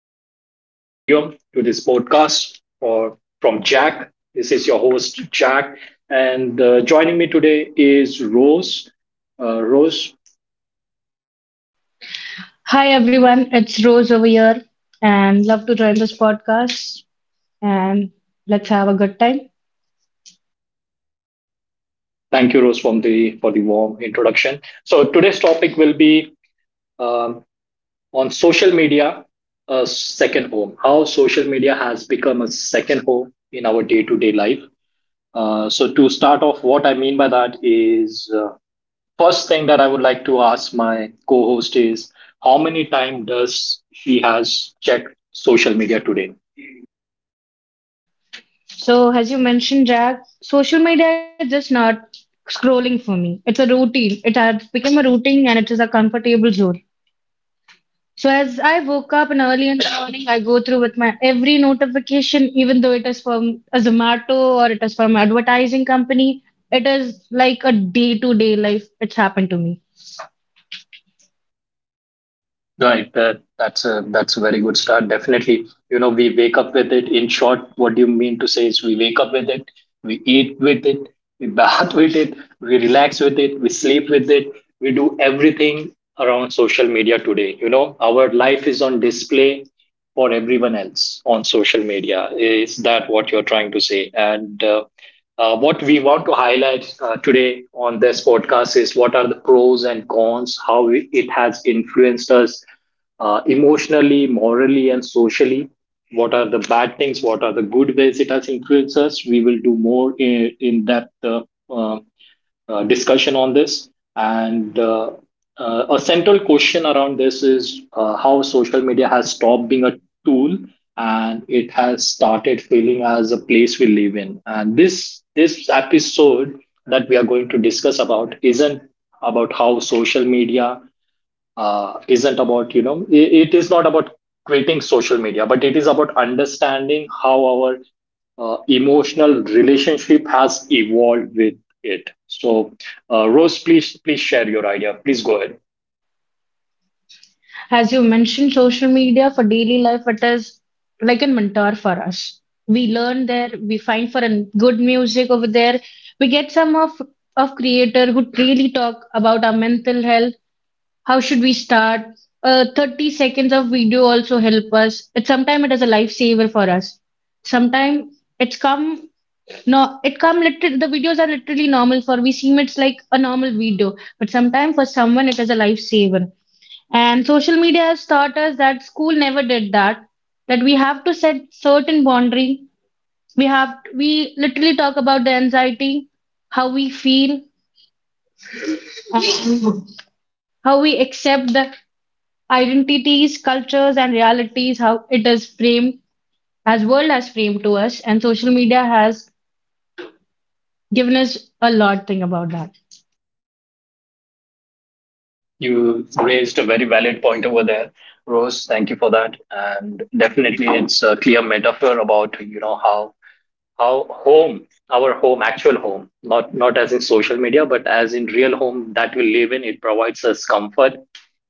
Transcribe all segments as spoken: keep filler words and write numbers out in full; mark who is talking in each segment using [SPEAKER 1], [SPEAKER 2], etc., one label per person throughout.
[SPEAKER 1] this uh, studio, to this podcast for, from Jack. This is your host, Jack. And uh, joining me today is Rose. Uh, Rose,
[SPEAKER 2] Hi everyone, it's Rose over here and love to join this podcast and let's have a good time.
[SPEAKER 1] thank you, Rose, from the, for the warm introduction. So today's topic will be um, on social media, a second home, how social media has become a second home in our day to day life. Uh, so to start off, what I mean by that is uh, first thing that I would like to ask my co-host is how many time does she has checked social media today?
[SPEAKER 2] So as you mentioned, Jack, social media is just not scrolling for me. It's a routine. It has become a routine and it is a comfortable zone. So as I woke up and early in the morning, I go through with my every notification, even though it is from a Zomato or it is from advertising company. It is like a day-to-day life. It's happened to me.
[SPEAKER 1] Right, that, that's a that's a very good start. Definitely, you know, we wake up with it. In short, what you mean to say is we wake up with it, we eat with it, we bath with it, we relax with it, we sleep with it, we do everything around social media today. You know, our life is on display for everyone else on social media. Is that what you're trying to say? And uh, uh, what we want to highlight uh, today on this podcast is what are the pros and cons, how it has influenced us uh, emotionally, morally, and socially. What are the bad things? What are the good ways it has influenced us? We will do more in, in depth uh, uh, uh, discussion on this. And uh, uh, a central question around this is uh, how social media has stopped being a tool and it has started feeling as a place we live in. And this this episode that we are going to discuss about isn't about how social media uh, isn't about, you know, it, it is not about quitting social media, but it is about understanding how our uh, emotional relationship has evolved with it. So uh, Rose, please please share your idea, please go ahead.
[SPEAKER 2] As you mentioned, social media for daily life, it is like a mentor for us. We learn there, we find for a good music over there. We get some of of creator who really talk about our mental health. How should we start? Uh, thirty seconds of video also help us. It sometimes it is a lifesaver for us. Sometimes it's come no, it come literally the videos are literally normal for we seem it's like a normal video, but sometimes for someone it is a lifesaver. And social media has taught us that school never did that, that we have to set certain boundary. We have we literally talk about the anxiety, how we feel, how we accept the identities, cultures, and realities, how it is framed, as world has framed to us, and social media has given us a lot thing about that.
[SPEAKER 1] You raised a very valid point over there, Rose. Thank you for that. And definitely, it's a clear metaphor about, you know, how our home, our home, actual home, not not as in social media, but as in real home that we live in. It provides us comfort.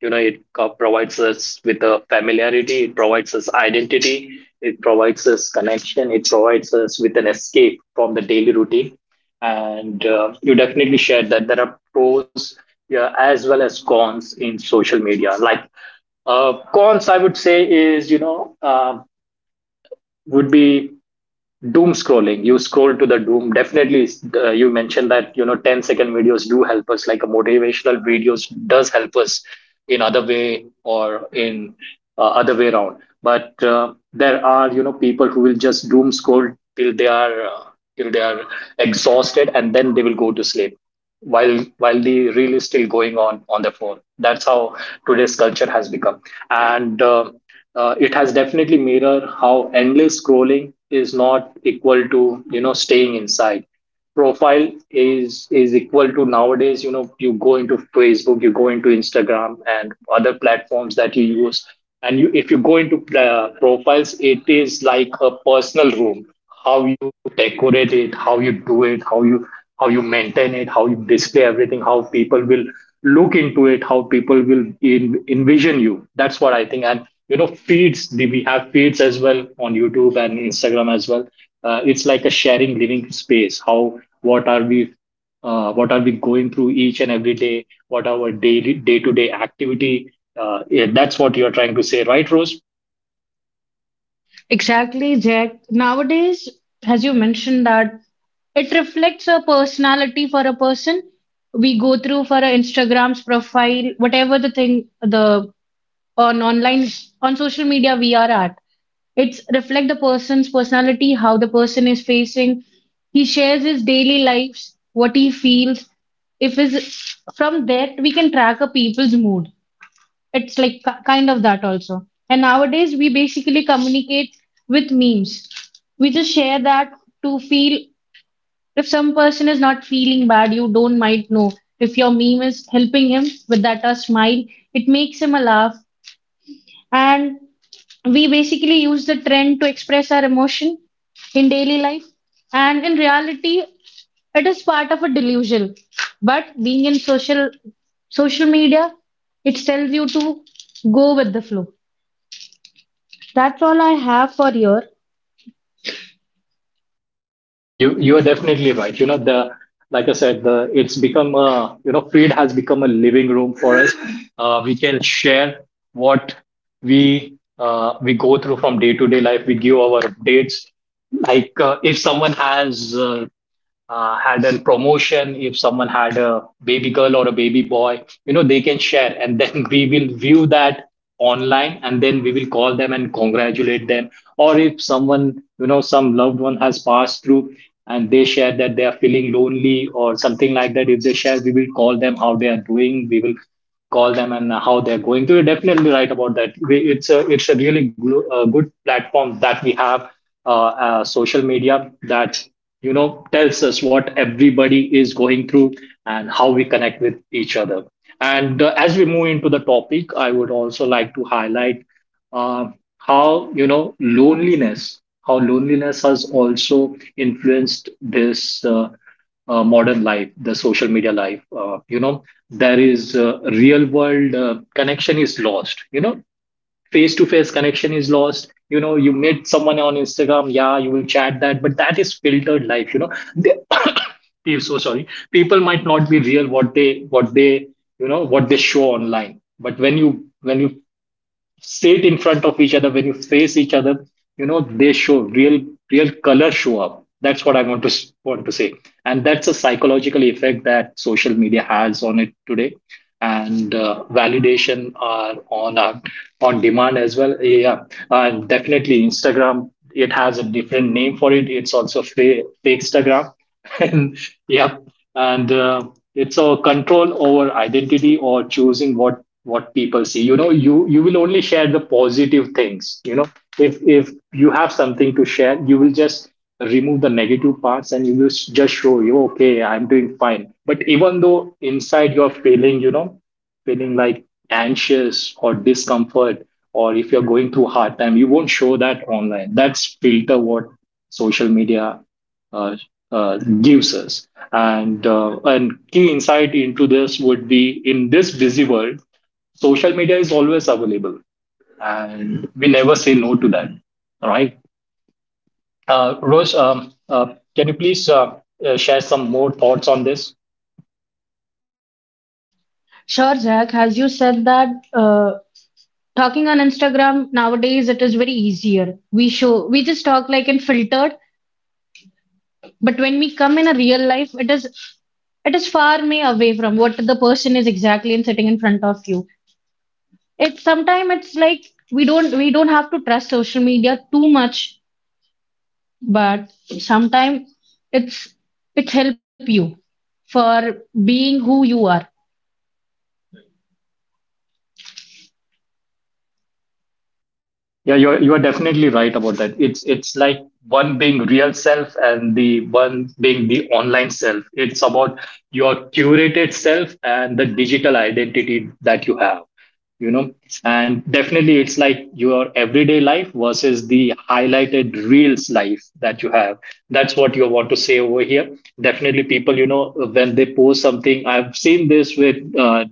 [SPEAKER 1] You know, it co- provides us with a familiarity. It provides us identity. It provides us connection. It provides us with an escape from the daily routine. And uh, you definitely shared that there are pros, yeah, as well as cons in social media. Like uh, cons, I would say is, you know, uh, would be doom scrolling. You scroll to the doom. Definitely uh, you mentioned that, you know, ten-second videos do help us, like a motivational videos does help us in other way or in uh, other way around. But uh, there are, you know, people who will just doom scroll till they are uh, till they are exhausted, and then they will go to sleep while while the reel is still going on on their phone. That's how today's culture has become. And uh, uh, it has definitely mirrored how endless scrolling is not equal to, you know, staying inside. Profile is is equal to nowadays. You know, you go into Facebook, you go into Instagram and other platforms that you use, and you, if you go into uh, profiles, it is like a personal room. How you decorate it, how you do it, how you how you maintain it, how you display everything, how people will look into it, how people will en- envision you. That's what I think. And you know, feeds. the- we have feeds as well on YouTube and Instagram as well. Uh, it's like a sharing living space. How what are we uh, what are we going through each and every day? What are our daily day to day activity? Uh, yeah, that's what you're trying to say, right, Rose?
[SPEAKER 2] Exactly, Jack. Nowadays, as you mentioned that it reflects a personality for a person. We go through for a Instagram's profile, whatever the thing the on online on social media we are at. It's reflect the person's personality, how the person is facing. He shares his daily lives, what he feels. If is from that we can track a people's mood. It's like ki- kind of that also. And nowadays, we basically communicate with memes. We just share that to feel if some person is not feeling bad, you don't might know. If your meme is helping him with that a smile, it makes him a laugh. And we basically use the trend to express our emotion in daily life. And in reality, it is part of a delusion. But being in social social media, it tells you to go with the flow. That's all I have for here.
[SPEAKER 1] You you are definitely right. You know, the like I said, the it's become a, you know, feed has become a living room for us. Uh, we can share what we uh, we go through from day to day life. We give our updates. Like uh, if someone has uh, uh, had a promotion, if someone had a baby girl or a baby boy, you know, they can share, and then we will view that online, and then we will call them and congratulate them. Or if someone, you know, some loved one has passed through and they share that they are feeling lonely or something like that, if they share, we will call them how they are doing. We will call them and how they're going. So you're definitely right about that. We- It's a, it's a really glo- uh, good platform that we have, uh, uh, social media, that, you know, tells us what everybody is going through and how we connect with each other. And uh, as we move into the topic, I would also like to highlight uh, how, you know, loneliness, how loneliness has also influenced this. Uh, uh, modern life, the social media life. Uh, you know, there is uh, real world uh, connection is lost. You know, face to face connection is lost. You know, you meet someone on Instagram, yeah, you will chat that, but that is filtered life. You know, they, Pe- so sorry, people might not be real what they what they you know, what they show online. But when you when you sit in front of each other, when you face each other, you know, they show real real color show up. That's what I want to s- want to say. And that's a psychological effect that social media has on it today. And uh, validation are on our, on demand as well. Yeah. And definitely Instagram, it has a different name for it. It's also fake Instagram and yeah. And uh, it's a control over identity, or choosing what what people see. You know, you you will only share the positive things. You know, if if you have something to share, you will just remove the negative parts, and you will s- just show you okay, I'm doing fine, but even though inside you're feeling, you know, feeling like anxious or discomfort or if you're going through hard time, you won't show that online. That's filter what social media uh, uh, gives us. And uh, and key insight into this would be in this busy world, social media is always available and we never say no to that. All right, uh, Rose, um, uh, can you please uh, uh, share some more thoughts on this?
[SPEAKER 2] Sure, Zach, as you said that uh, talking on Instagram nowadays it is very easier. We show we just talk like in filtered, but when we come in a real life, it is it is far may away from what the person is exactly and sitting in front of you. It's sometimes it's like we don't we don't have to trust social media too much, but sometimes it's it's help you for being who you are.
[SPEAKER 1] Yeah, you're you are definitely right about that. It's it's like one being real self and the one being the online self. It's about your curated self and the digital identity that you have, you know. And definitely, it's like your everyday life versus the highlighted reels life that you have. That's what you want to say over here. Definitely people, you know, when they post something, I've seen this with uh,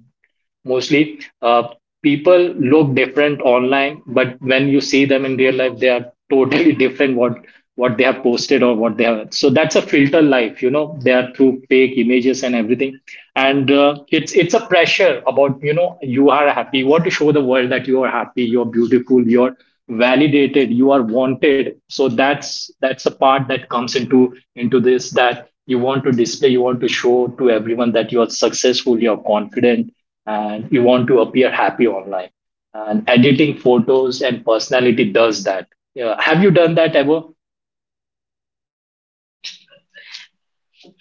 [SPEAKER 1] mostly uh, people look different online, but when you see them in real life, they are totally different. what what they have posted or what they have, so that's a filter life. You know, they are through fake images and everything. And uh, it's it's a pressure about, you know, you are happy, you want to show the world that you are happy, you're beautiful, you're validated, you are wanted. So that's that's the part that comes into into this, that you want to display, you want to show to everyone that you are successful, you're confident, and you want to appear happy online. And editing photos and personality does that. Yeah. Have you done that ever?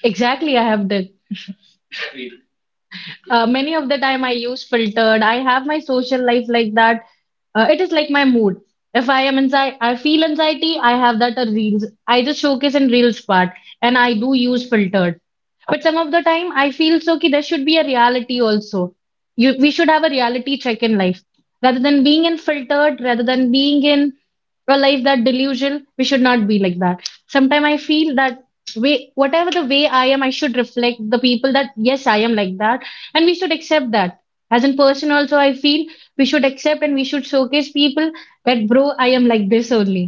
[SPEAKER 2] Exactly, I have done. Uh, many of the time I use filtered. I have my social life like that. Uh, it is like my mood. If I am anxiety, I feel anxiety, I have that a reels. I just showcase in reels part and I do use filtered. But some of the time I feel so ki there should be a reality also. You, we should have a reality check in life. Rather than being in filtered, rather than being in a life that delusion, we should not be like that. Sometimes I feel that way whatever the way I am, I should reflect the people that yes, I am like that and we should accept that as a person also I feel we should accept and we should showcase people that bro I am like this only.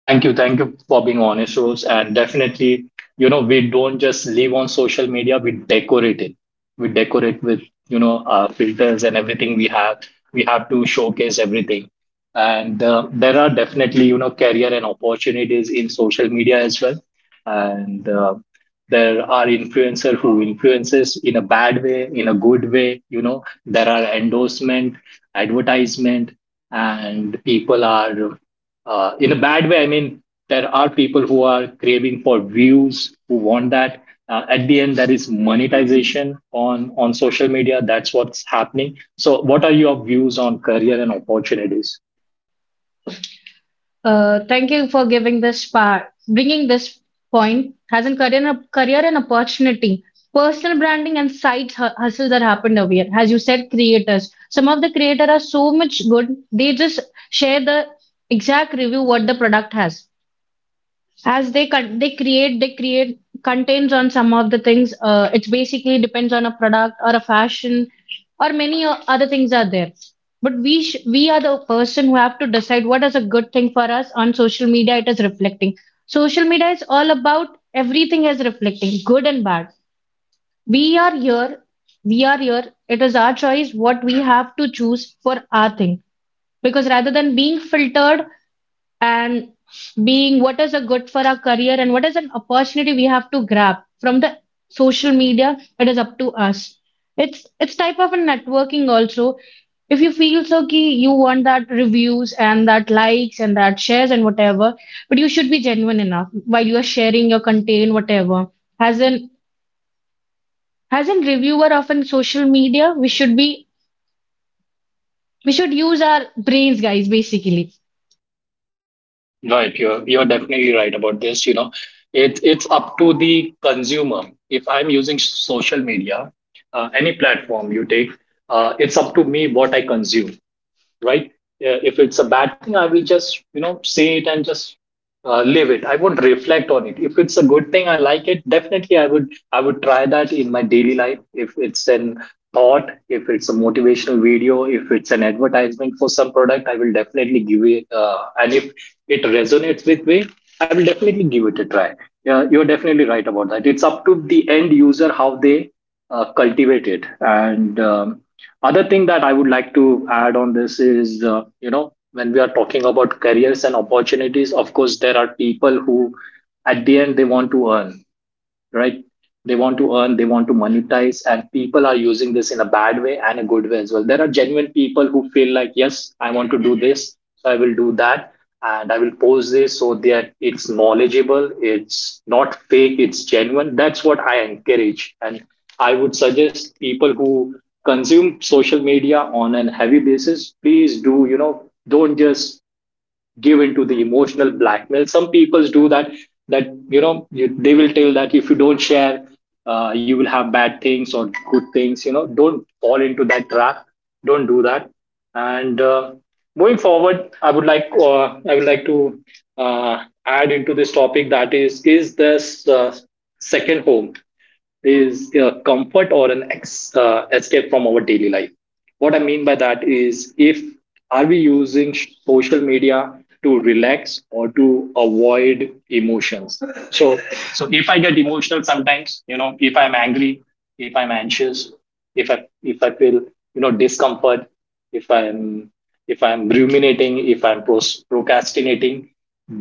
[SPEAKER 1] Thank you. Thank you for being honest, Rose. And definitely, you know, we don't just live on social media, we decorate it. We decorate with, you know, our filters and everything we have. We have to showcase everything. And uh, there are definitely, you know, career and opportunities in social media as well. And uh, there are influencer who influences in a bad way, in a good way. You know, there are endorsement, advertisement, and people are uh, in a bad way, I mean, there are people who are craving for views, who want that. Uh, at the end, there is monetization on, on social media. That's what's happening. So, what are your views on career and opportunities?
[SPEAKER 2] uh, Thank you for giving this part, bringing this point as a career and career and opportunity, personal branding and side hu- hustles that happened over here. As you said creators, some of the creators are so much good. They just share the exact review what the product has as they con- they create they create contains on some of the things. Uh, it's basically depends on a product or a fashion or many o- other things are there, but we sh- we are the person who have to decide what is a good thing for us on social media. It is reflecting, social media is all about, everything is reflecting good and bad. We are here we are here it is our choice what we have to choose for our thing, because rather than being filtered and being what is a good for our career and what is an opportunity we have to grab from the social media, it is up to us. it's it's type of a networking also. If you feel so ki you want that reviews and that likes and that shares and whatever, but you should be genuine enough while you are sharing your content whatever. As an as an reviewer of an social media we should be, we should use our brains guys basically.
[SPEAKER 1] Right, you're you're definitely right about this. You know, it's it's up to the consumer. If I'm using social media, uh, any platform you take, uh, it's up to me what I consume. Right? Uh, If it's a bad thing, I will just, you know, say it and just uh, live it. I won't reflect on it. If it's a good thing, I like it. Definitely, I would, I would try that in my daily life. If it's an thought, if it's a motivational video, if it's an advertisement for some product, I will definitely give it. Uh, and if it resonates with me, I will definitely give it a try. Yeah, you're definitely right about that. It's up to the end user how they uh, cultivated. And um, other thing that I would like to add on this is, uh, you know, when we are talking about careers and opportunities, of course, there are people who at the end they want to earn, right? They want to earn, they want to monetize, and people are using this in a bad way and a good way as well. There are genuine people who feel like, yes, I want to do this, so I will do that, and I will post this so that it's knowledgeable, it's not fake, it's genuine. That's what I encourage. And I would suggest people who consume social media on a heavy basis, please do, you know, don't just give into the emotional blackmail some people do, that that you know you, they will tell that if you don't share, uh, you will have bad things or good things, you know, don't fall into that trap. Don't do that. And uh, moving forward, i would like uh, i would like to uh, add into this topic that is is this uh, second home is a comfort or an ex, uh, escape from our daily life. What I mean by that is, if are we using sh- social media to relax or to avoid emotions? So so if I get emotional sometimes, you know, if I'm angry, if I'm anxious, if i if i feel, you know, discomfort, if I'm if i'm ruminating, if I'm pros- procrastinating,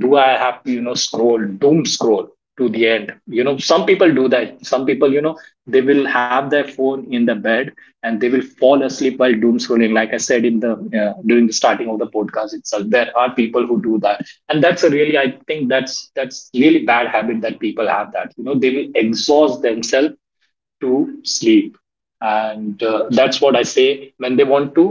[SPEAKER 1] do I have to, you know, scroll, doom scroll to the end? You know, some people do that. Some people, you know, they will have their phone in the bed and they will fall asleep while doom scrolling. Like I said in the uh, during the starting of the podcast itself, there are people who do that. And that's a really, I think that's that's really bad habit that people have, that, you know, they will exhaust themselves to sleep. And uh, that's what I say, when they want to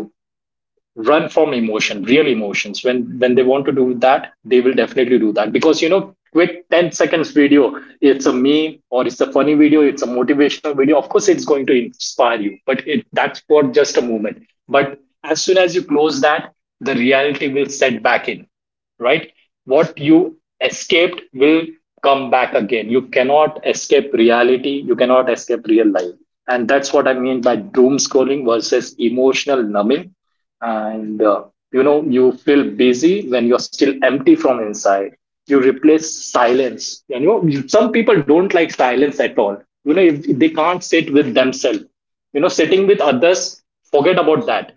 [SPEAKER 1] run from emotion, real emotions, when when they want to do that, they will definitely do that because, you know, quick ten seconds video, it's a meme or it's a funny video, it's a motivational video, of course it's going to inspire you, but it that's for just a moment. But as soon as you close that, the reality will set back in, right? What you escaped will come back again. You cannot escape reality, you cannot escape real life. And that's what I mean by doom scrolling versus emotional numbing. And uh, You know, you feel busy when you're still empty from inside. You replace silence. You know, you- some people don't like silence at all. You know, if they can't sit with themselves, you know, sitting with others, forget about that.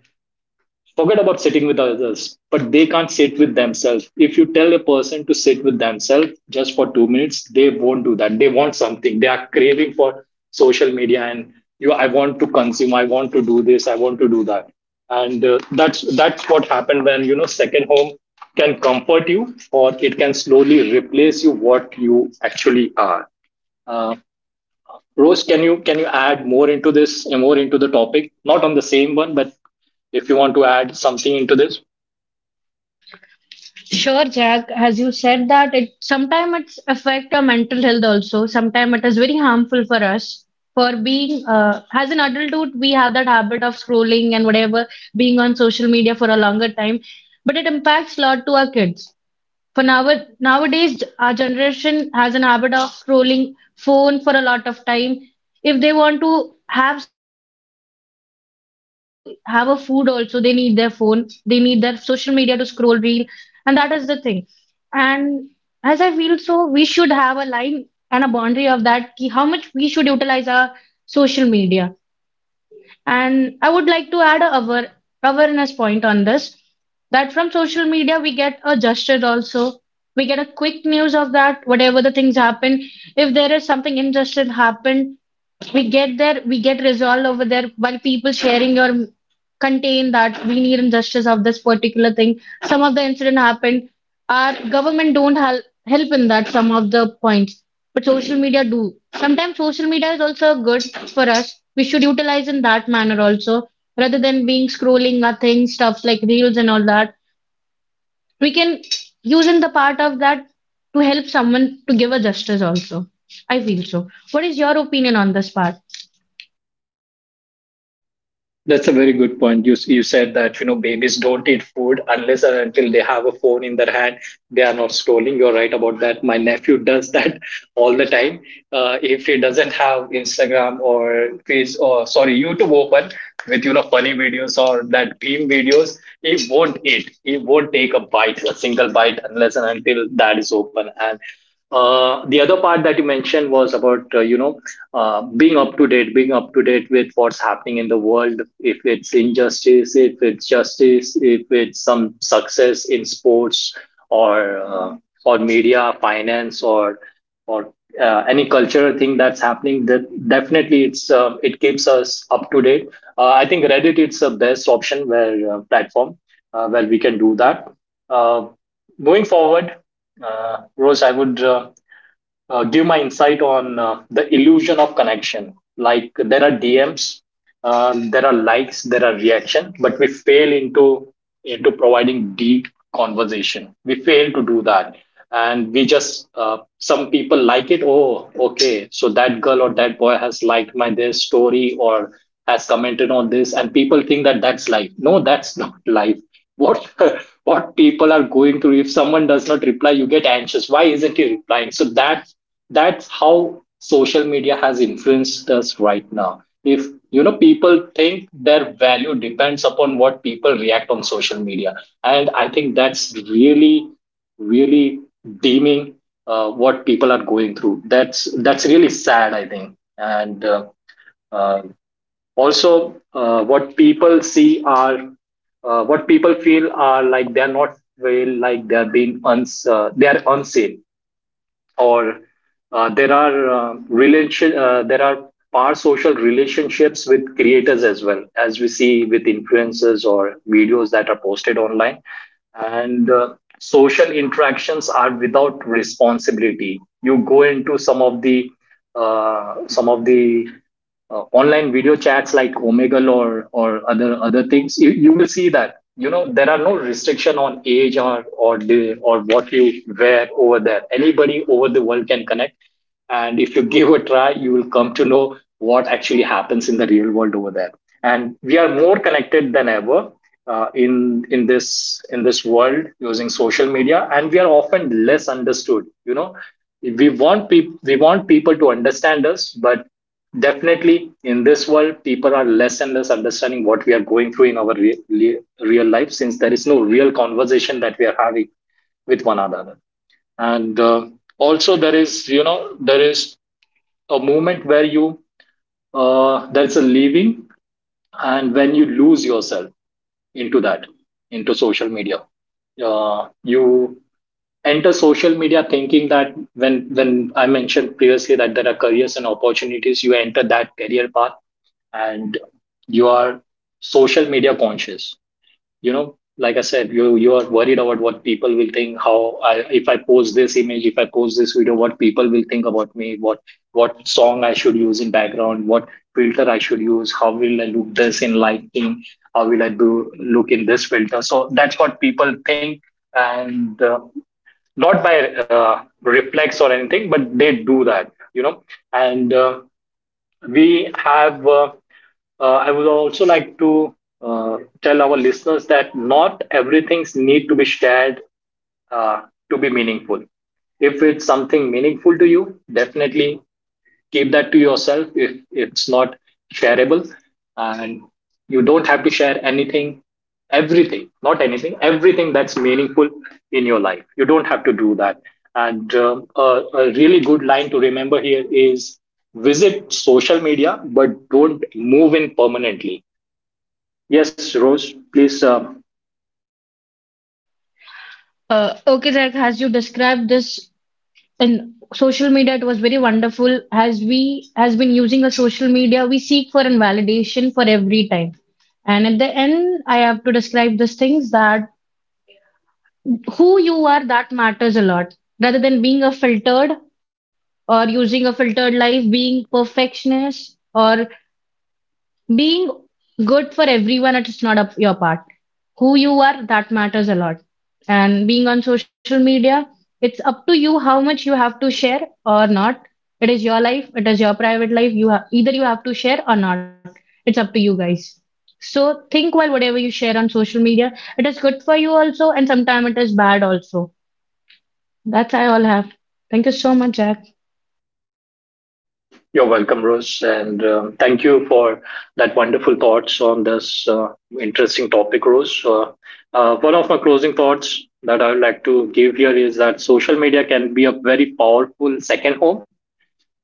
[SPEAKER 1] Forget about sitting with others, but they can't sit with themselves. If you tell a person to sit with themselves just for two minutes, they won't do that. They want something. They are craving for social media and you. I want to consume. I want to do this. I want to do that. And uh, that's that's what happened when, you know, second home can comfort you or it can slowly replace you what you actually are. Uh, Rose, can you can you add more into this, more into the topic? Not on the same one, but if you want to add something into this.
[SPEAKER 2] Sure, Jack. As you said that it sometimes it's affect our mental health also. Sometimes it is very harmful for us. For being uh, as an adulthood, we have that habit of scrolling and whatever, being on social media for a longer time. But it impacts a lot to our kids. For now, nowadays, our generation has an habit of scrolling phone for a lot of time. If they want to have something, either they have to have a food also. They need their phone. They need their social media to scroll reel, and that is the thing. And as I feel so, we should have a line and a boundary of that. Ki how much we should utilize our social media, and I would like to add a aware- awareness point on this that from social media we get a gesture also. We get a quick news of that, whatever the things happen. If there is something injustice happened, we get there, we get resolved over there while people sharing or contain that we need injustice of this particular thing. Some of the incident happened. Our government don't help help in that some of the points, but social media do. Sometimes social media is also good for us. We should utilize in that manner also, rather than being scrolling nothing stuffs like reels and all that. We can use in the part of that to help someone to give a justice also. I feel so. What is your opinion on this part?
[SPEAKER 1] That's a very good point. You you said that, you know, babies don't eat food unless and until they have a phone in their hand. They are not scrolling. You're right about that. My nephew does that all the time. Uh, if he doesn't have Instagram or Face, or sorry, YouTube open with, you know, funny videos or that beam videos, he won't eat. He won't take a bite, a single bite unless and until that is open. And uh, the other part that you mentioned was about uh, you know, uh, being up to date, being up to date with what's happening in the world. If it's injustice, if it's justice, if it's some success in sports or uh, or media, finance, or or uh, any cultural thing that's happening, that definitely it's um, it keeps us up to date. Uh, I think Reddit it's the best option where uh, platform uh, where we can do that. Uh, Moving forward, uh, Rose, I would uh, uh, give my insight on uh, the illusion of connection. Like, there are D Ms, um, there are likes, there are reaction, but we fail into into providing deep conversation. We fail to do that, and we just uh, some people like it. Oh, okay, so that girl or that boy has liked my their story or has commented on this, and people think that that's life. No, that's not life. What what people are going through. If someone does not reply, you get anxious. Why isn't he replying? So that that's how social media has influenced us right now. If, you know, people think their value depends upon what people react on social media, and I think that's really really deeming uh, what people are going through. That's that's really sad, I think. And uh, uh, Also, uh, what people see are, uh, what people feel are, like, they're not real, like, they're being uns- uh, they're unseen. Or uh, there are uh, relation uh, there are parasocial relationships with creators as well as we see, with influencers or videos that are posted online. And uh, social interactions are without responsibility. You go into some of the uh, some of the uh, online video chats like Omegle or or other other things, you, you will see that, you know, there are no restriction on age or or the, or what you wear over there. Anybody over the world can connect, and if you give a try, you will come to know what actually happens in the real world over there. And we are more connected than ever. Uh, in in this in this world using social media, and we are often less understood, you know, we want people we want people to understand us, but definitely, in this world, people are less and less understanding what we are going through in our re- re- real life, since there is no real conversation that we are having with one another. And uh, also, there is, you know, there is a moment where you, uh, there's a leaving and when you lose yourself into that, into social media. Uh, you enter social media thinking that, when when I mentioned previously that there are careers and opportunities, you enter that career path and you are social media conscious. You know, like I said, you you are worried about what people will think. How I, if I post this image, if I post this video, what people will think about me, what what song I should use in background, what filter I should use, how will I look this in lighting, how will I do look in this filter. So that's what people think. And uh, not by uh, reflex or anything, but they do that, you know. And uh, we have uh, uh, I would also like to uh, tell our listeners that not everything needs to be shared uh, to be meaningful. If it's something meaningful to you, definitely keep that to yourself. If it's not shareable, and you don't have to share anything, everything, not anything, everything that's meaningful in your life, you don't have to do that. and um, a, a really good line to remember here is, visit social media but don't move in permanently. Yes, Rose, please. uh,
[SPEAKER 2] Uh, okay, like as you described this in social media, it was very wonderful. As we has been using a social media, we seek for a validation for every time. And at the end, I have to describe these things that who you are that matters a lot, rather than being a filtered or using a filtered life, being perfectionist or being good for everyone. It's not up your part. Who you are that matters a lot, and being on social media it's up to you how much you have to share or not. It is your life, it is your private life. You have either you have to share or not, it's up to you guys. So think while whatever you share on social media, it is good for you also and sometimes it is bad also. That's I all have. Thank you so much, Jack.
[SPEAKER 1] You're welcome, Rose, and um, thank you for that wonderful thoughts on this uh, interesting topic, Rose. Uh, uh, one of my closing thoughts that I would like to give here is that social media can be a very powerful second home,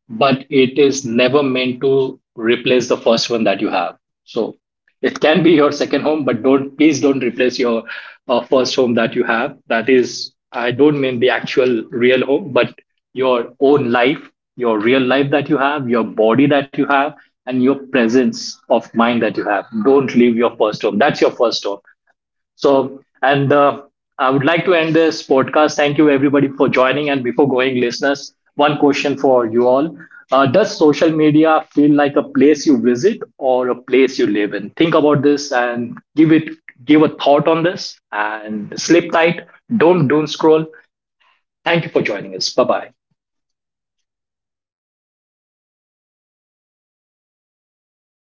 [SPEAKER 1] but it is never meant to replace the first one that you have. So it can be your second home, but don't, please don't replace your uh, first home that you have. That is, I don't mean the actual real home, but your own life, your real life that you have, your body that you have, and your presence of mind that you have. Don't leave your first home. That's your first home. So, and uh, I would like to end this podcast. Thank you, everybody, for joining. And before going, listeners, one question for you all. Uh, does social media feel like a place you visit or a place you live in? Think about this and give it, give a thought on this, and sleep tight. Don't doom scroll. Thank you for joining us. Bye bye.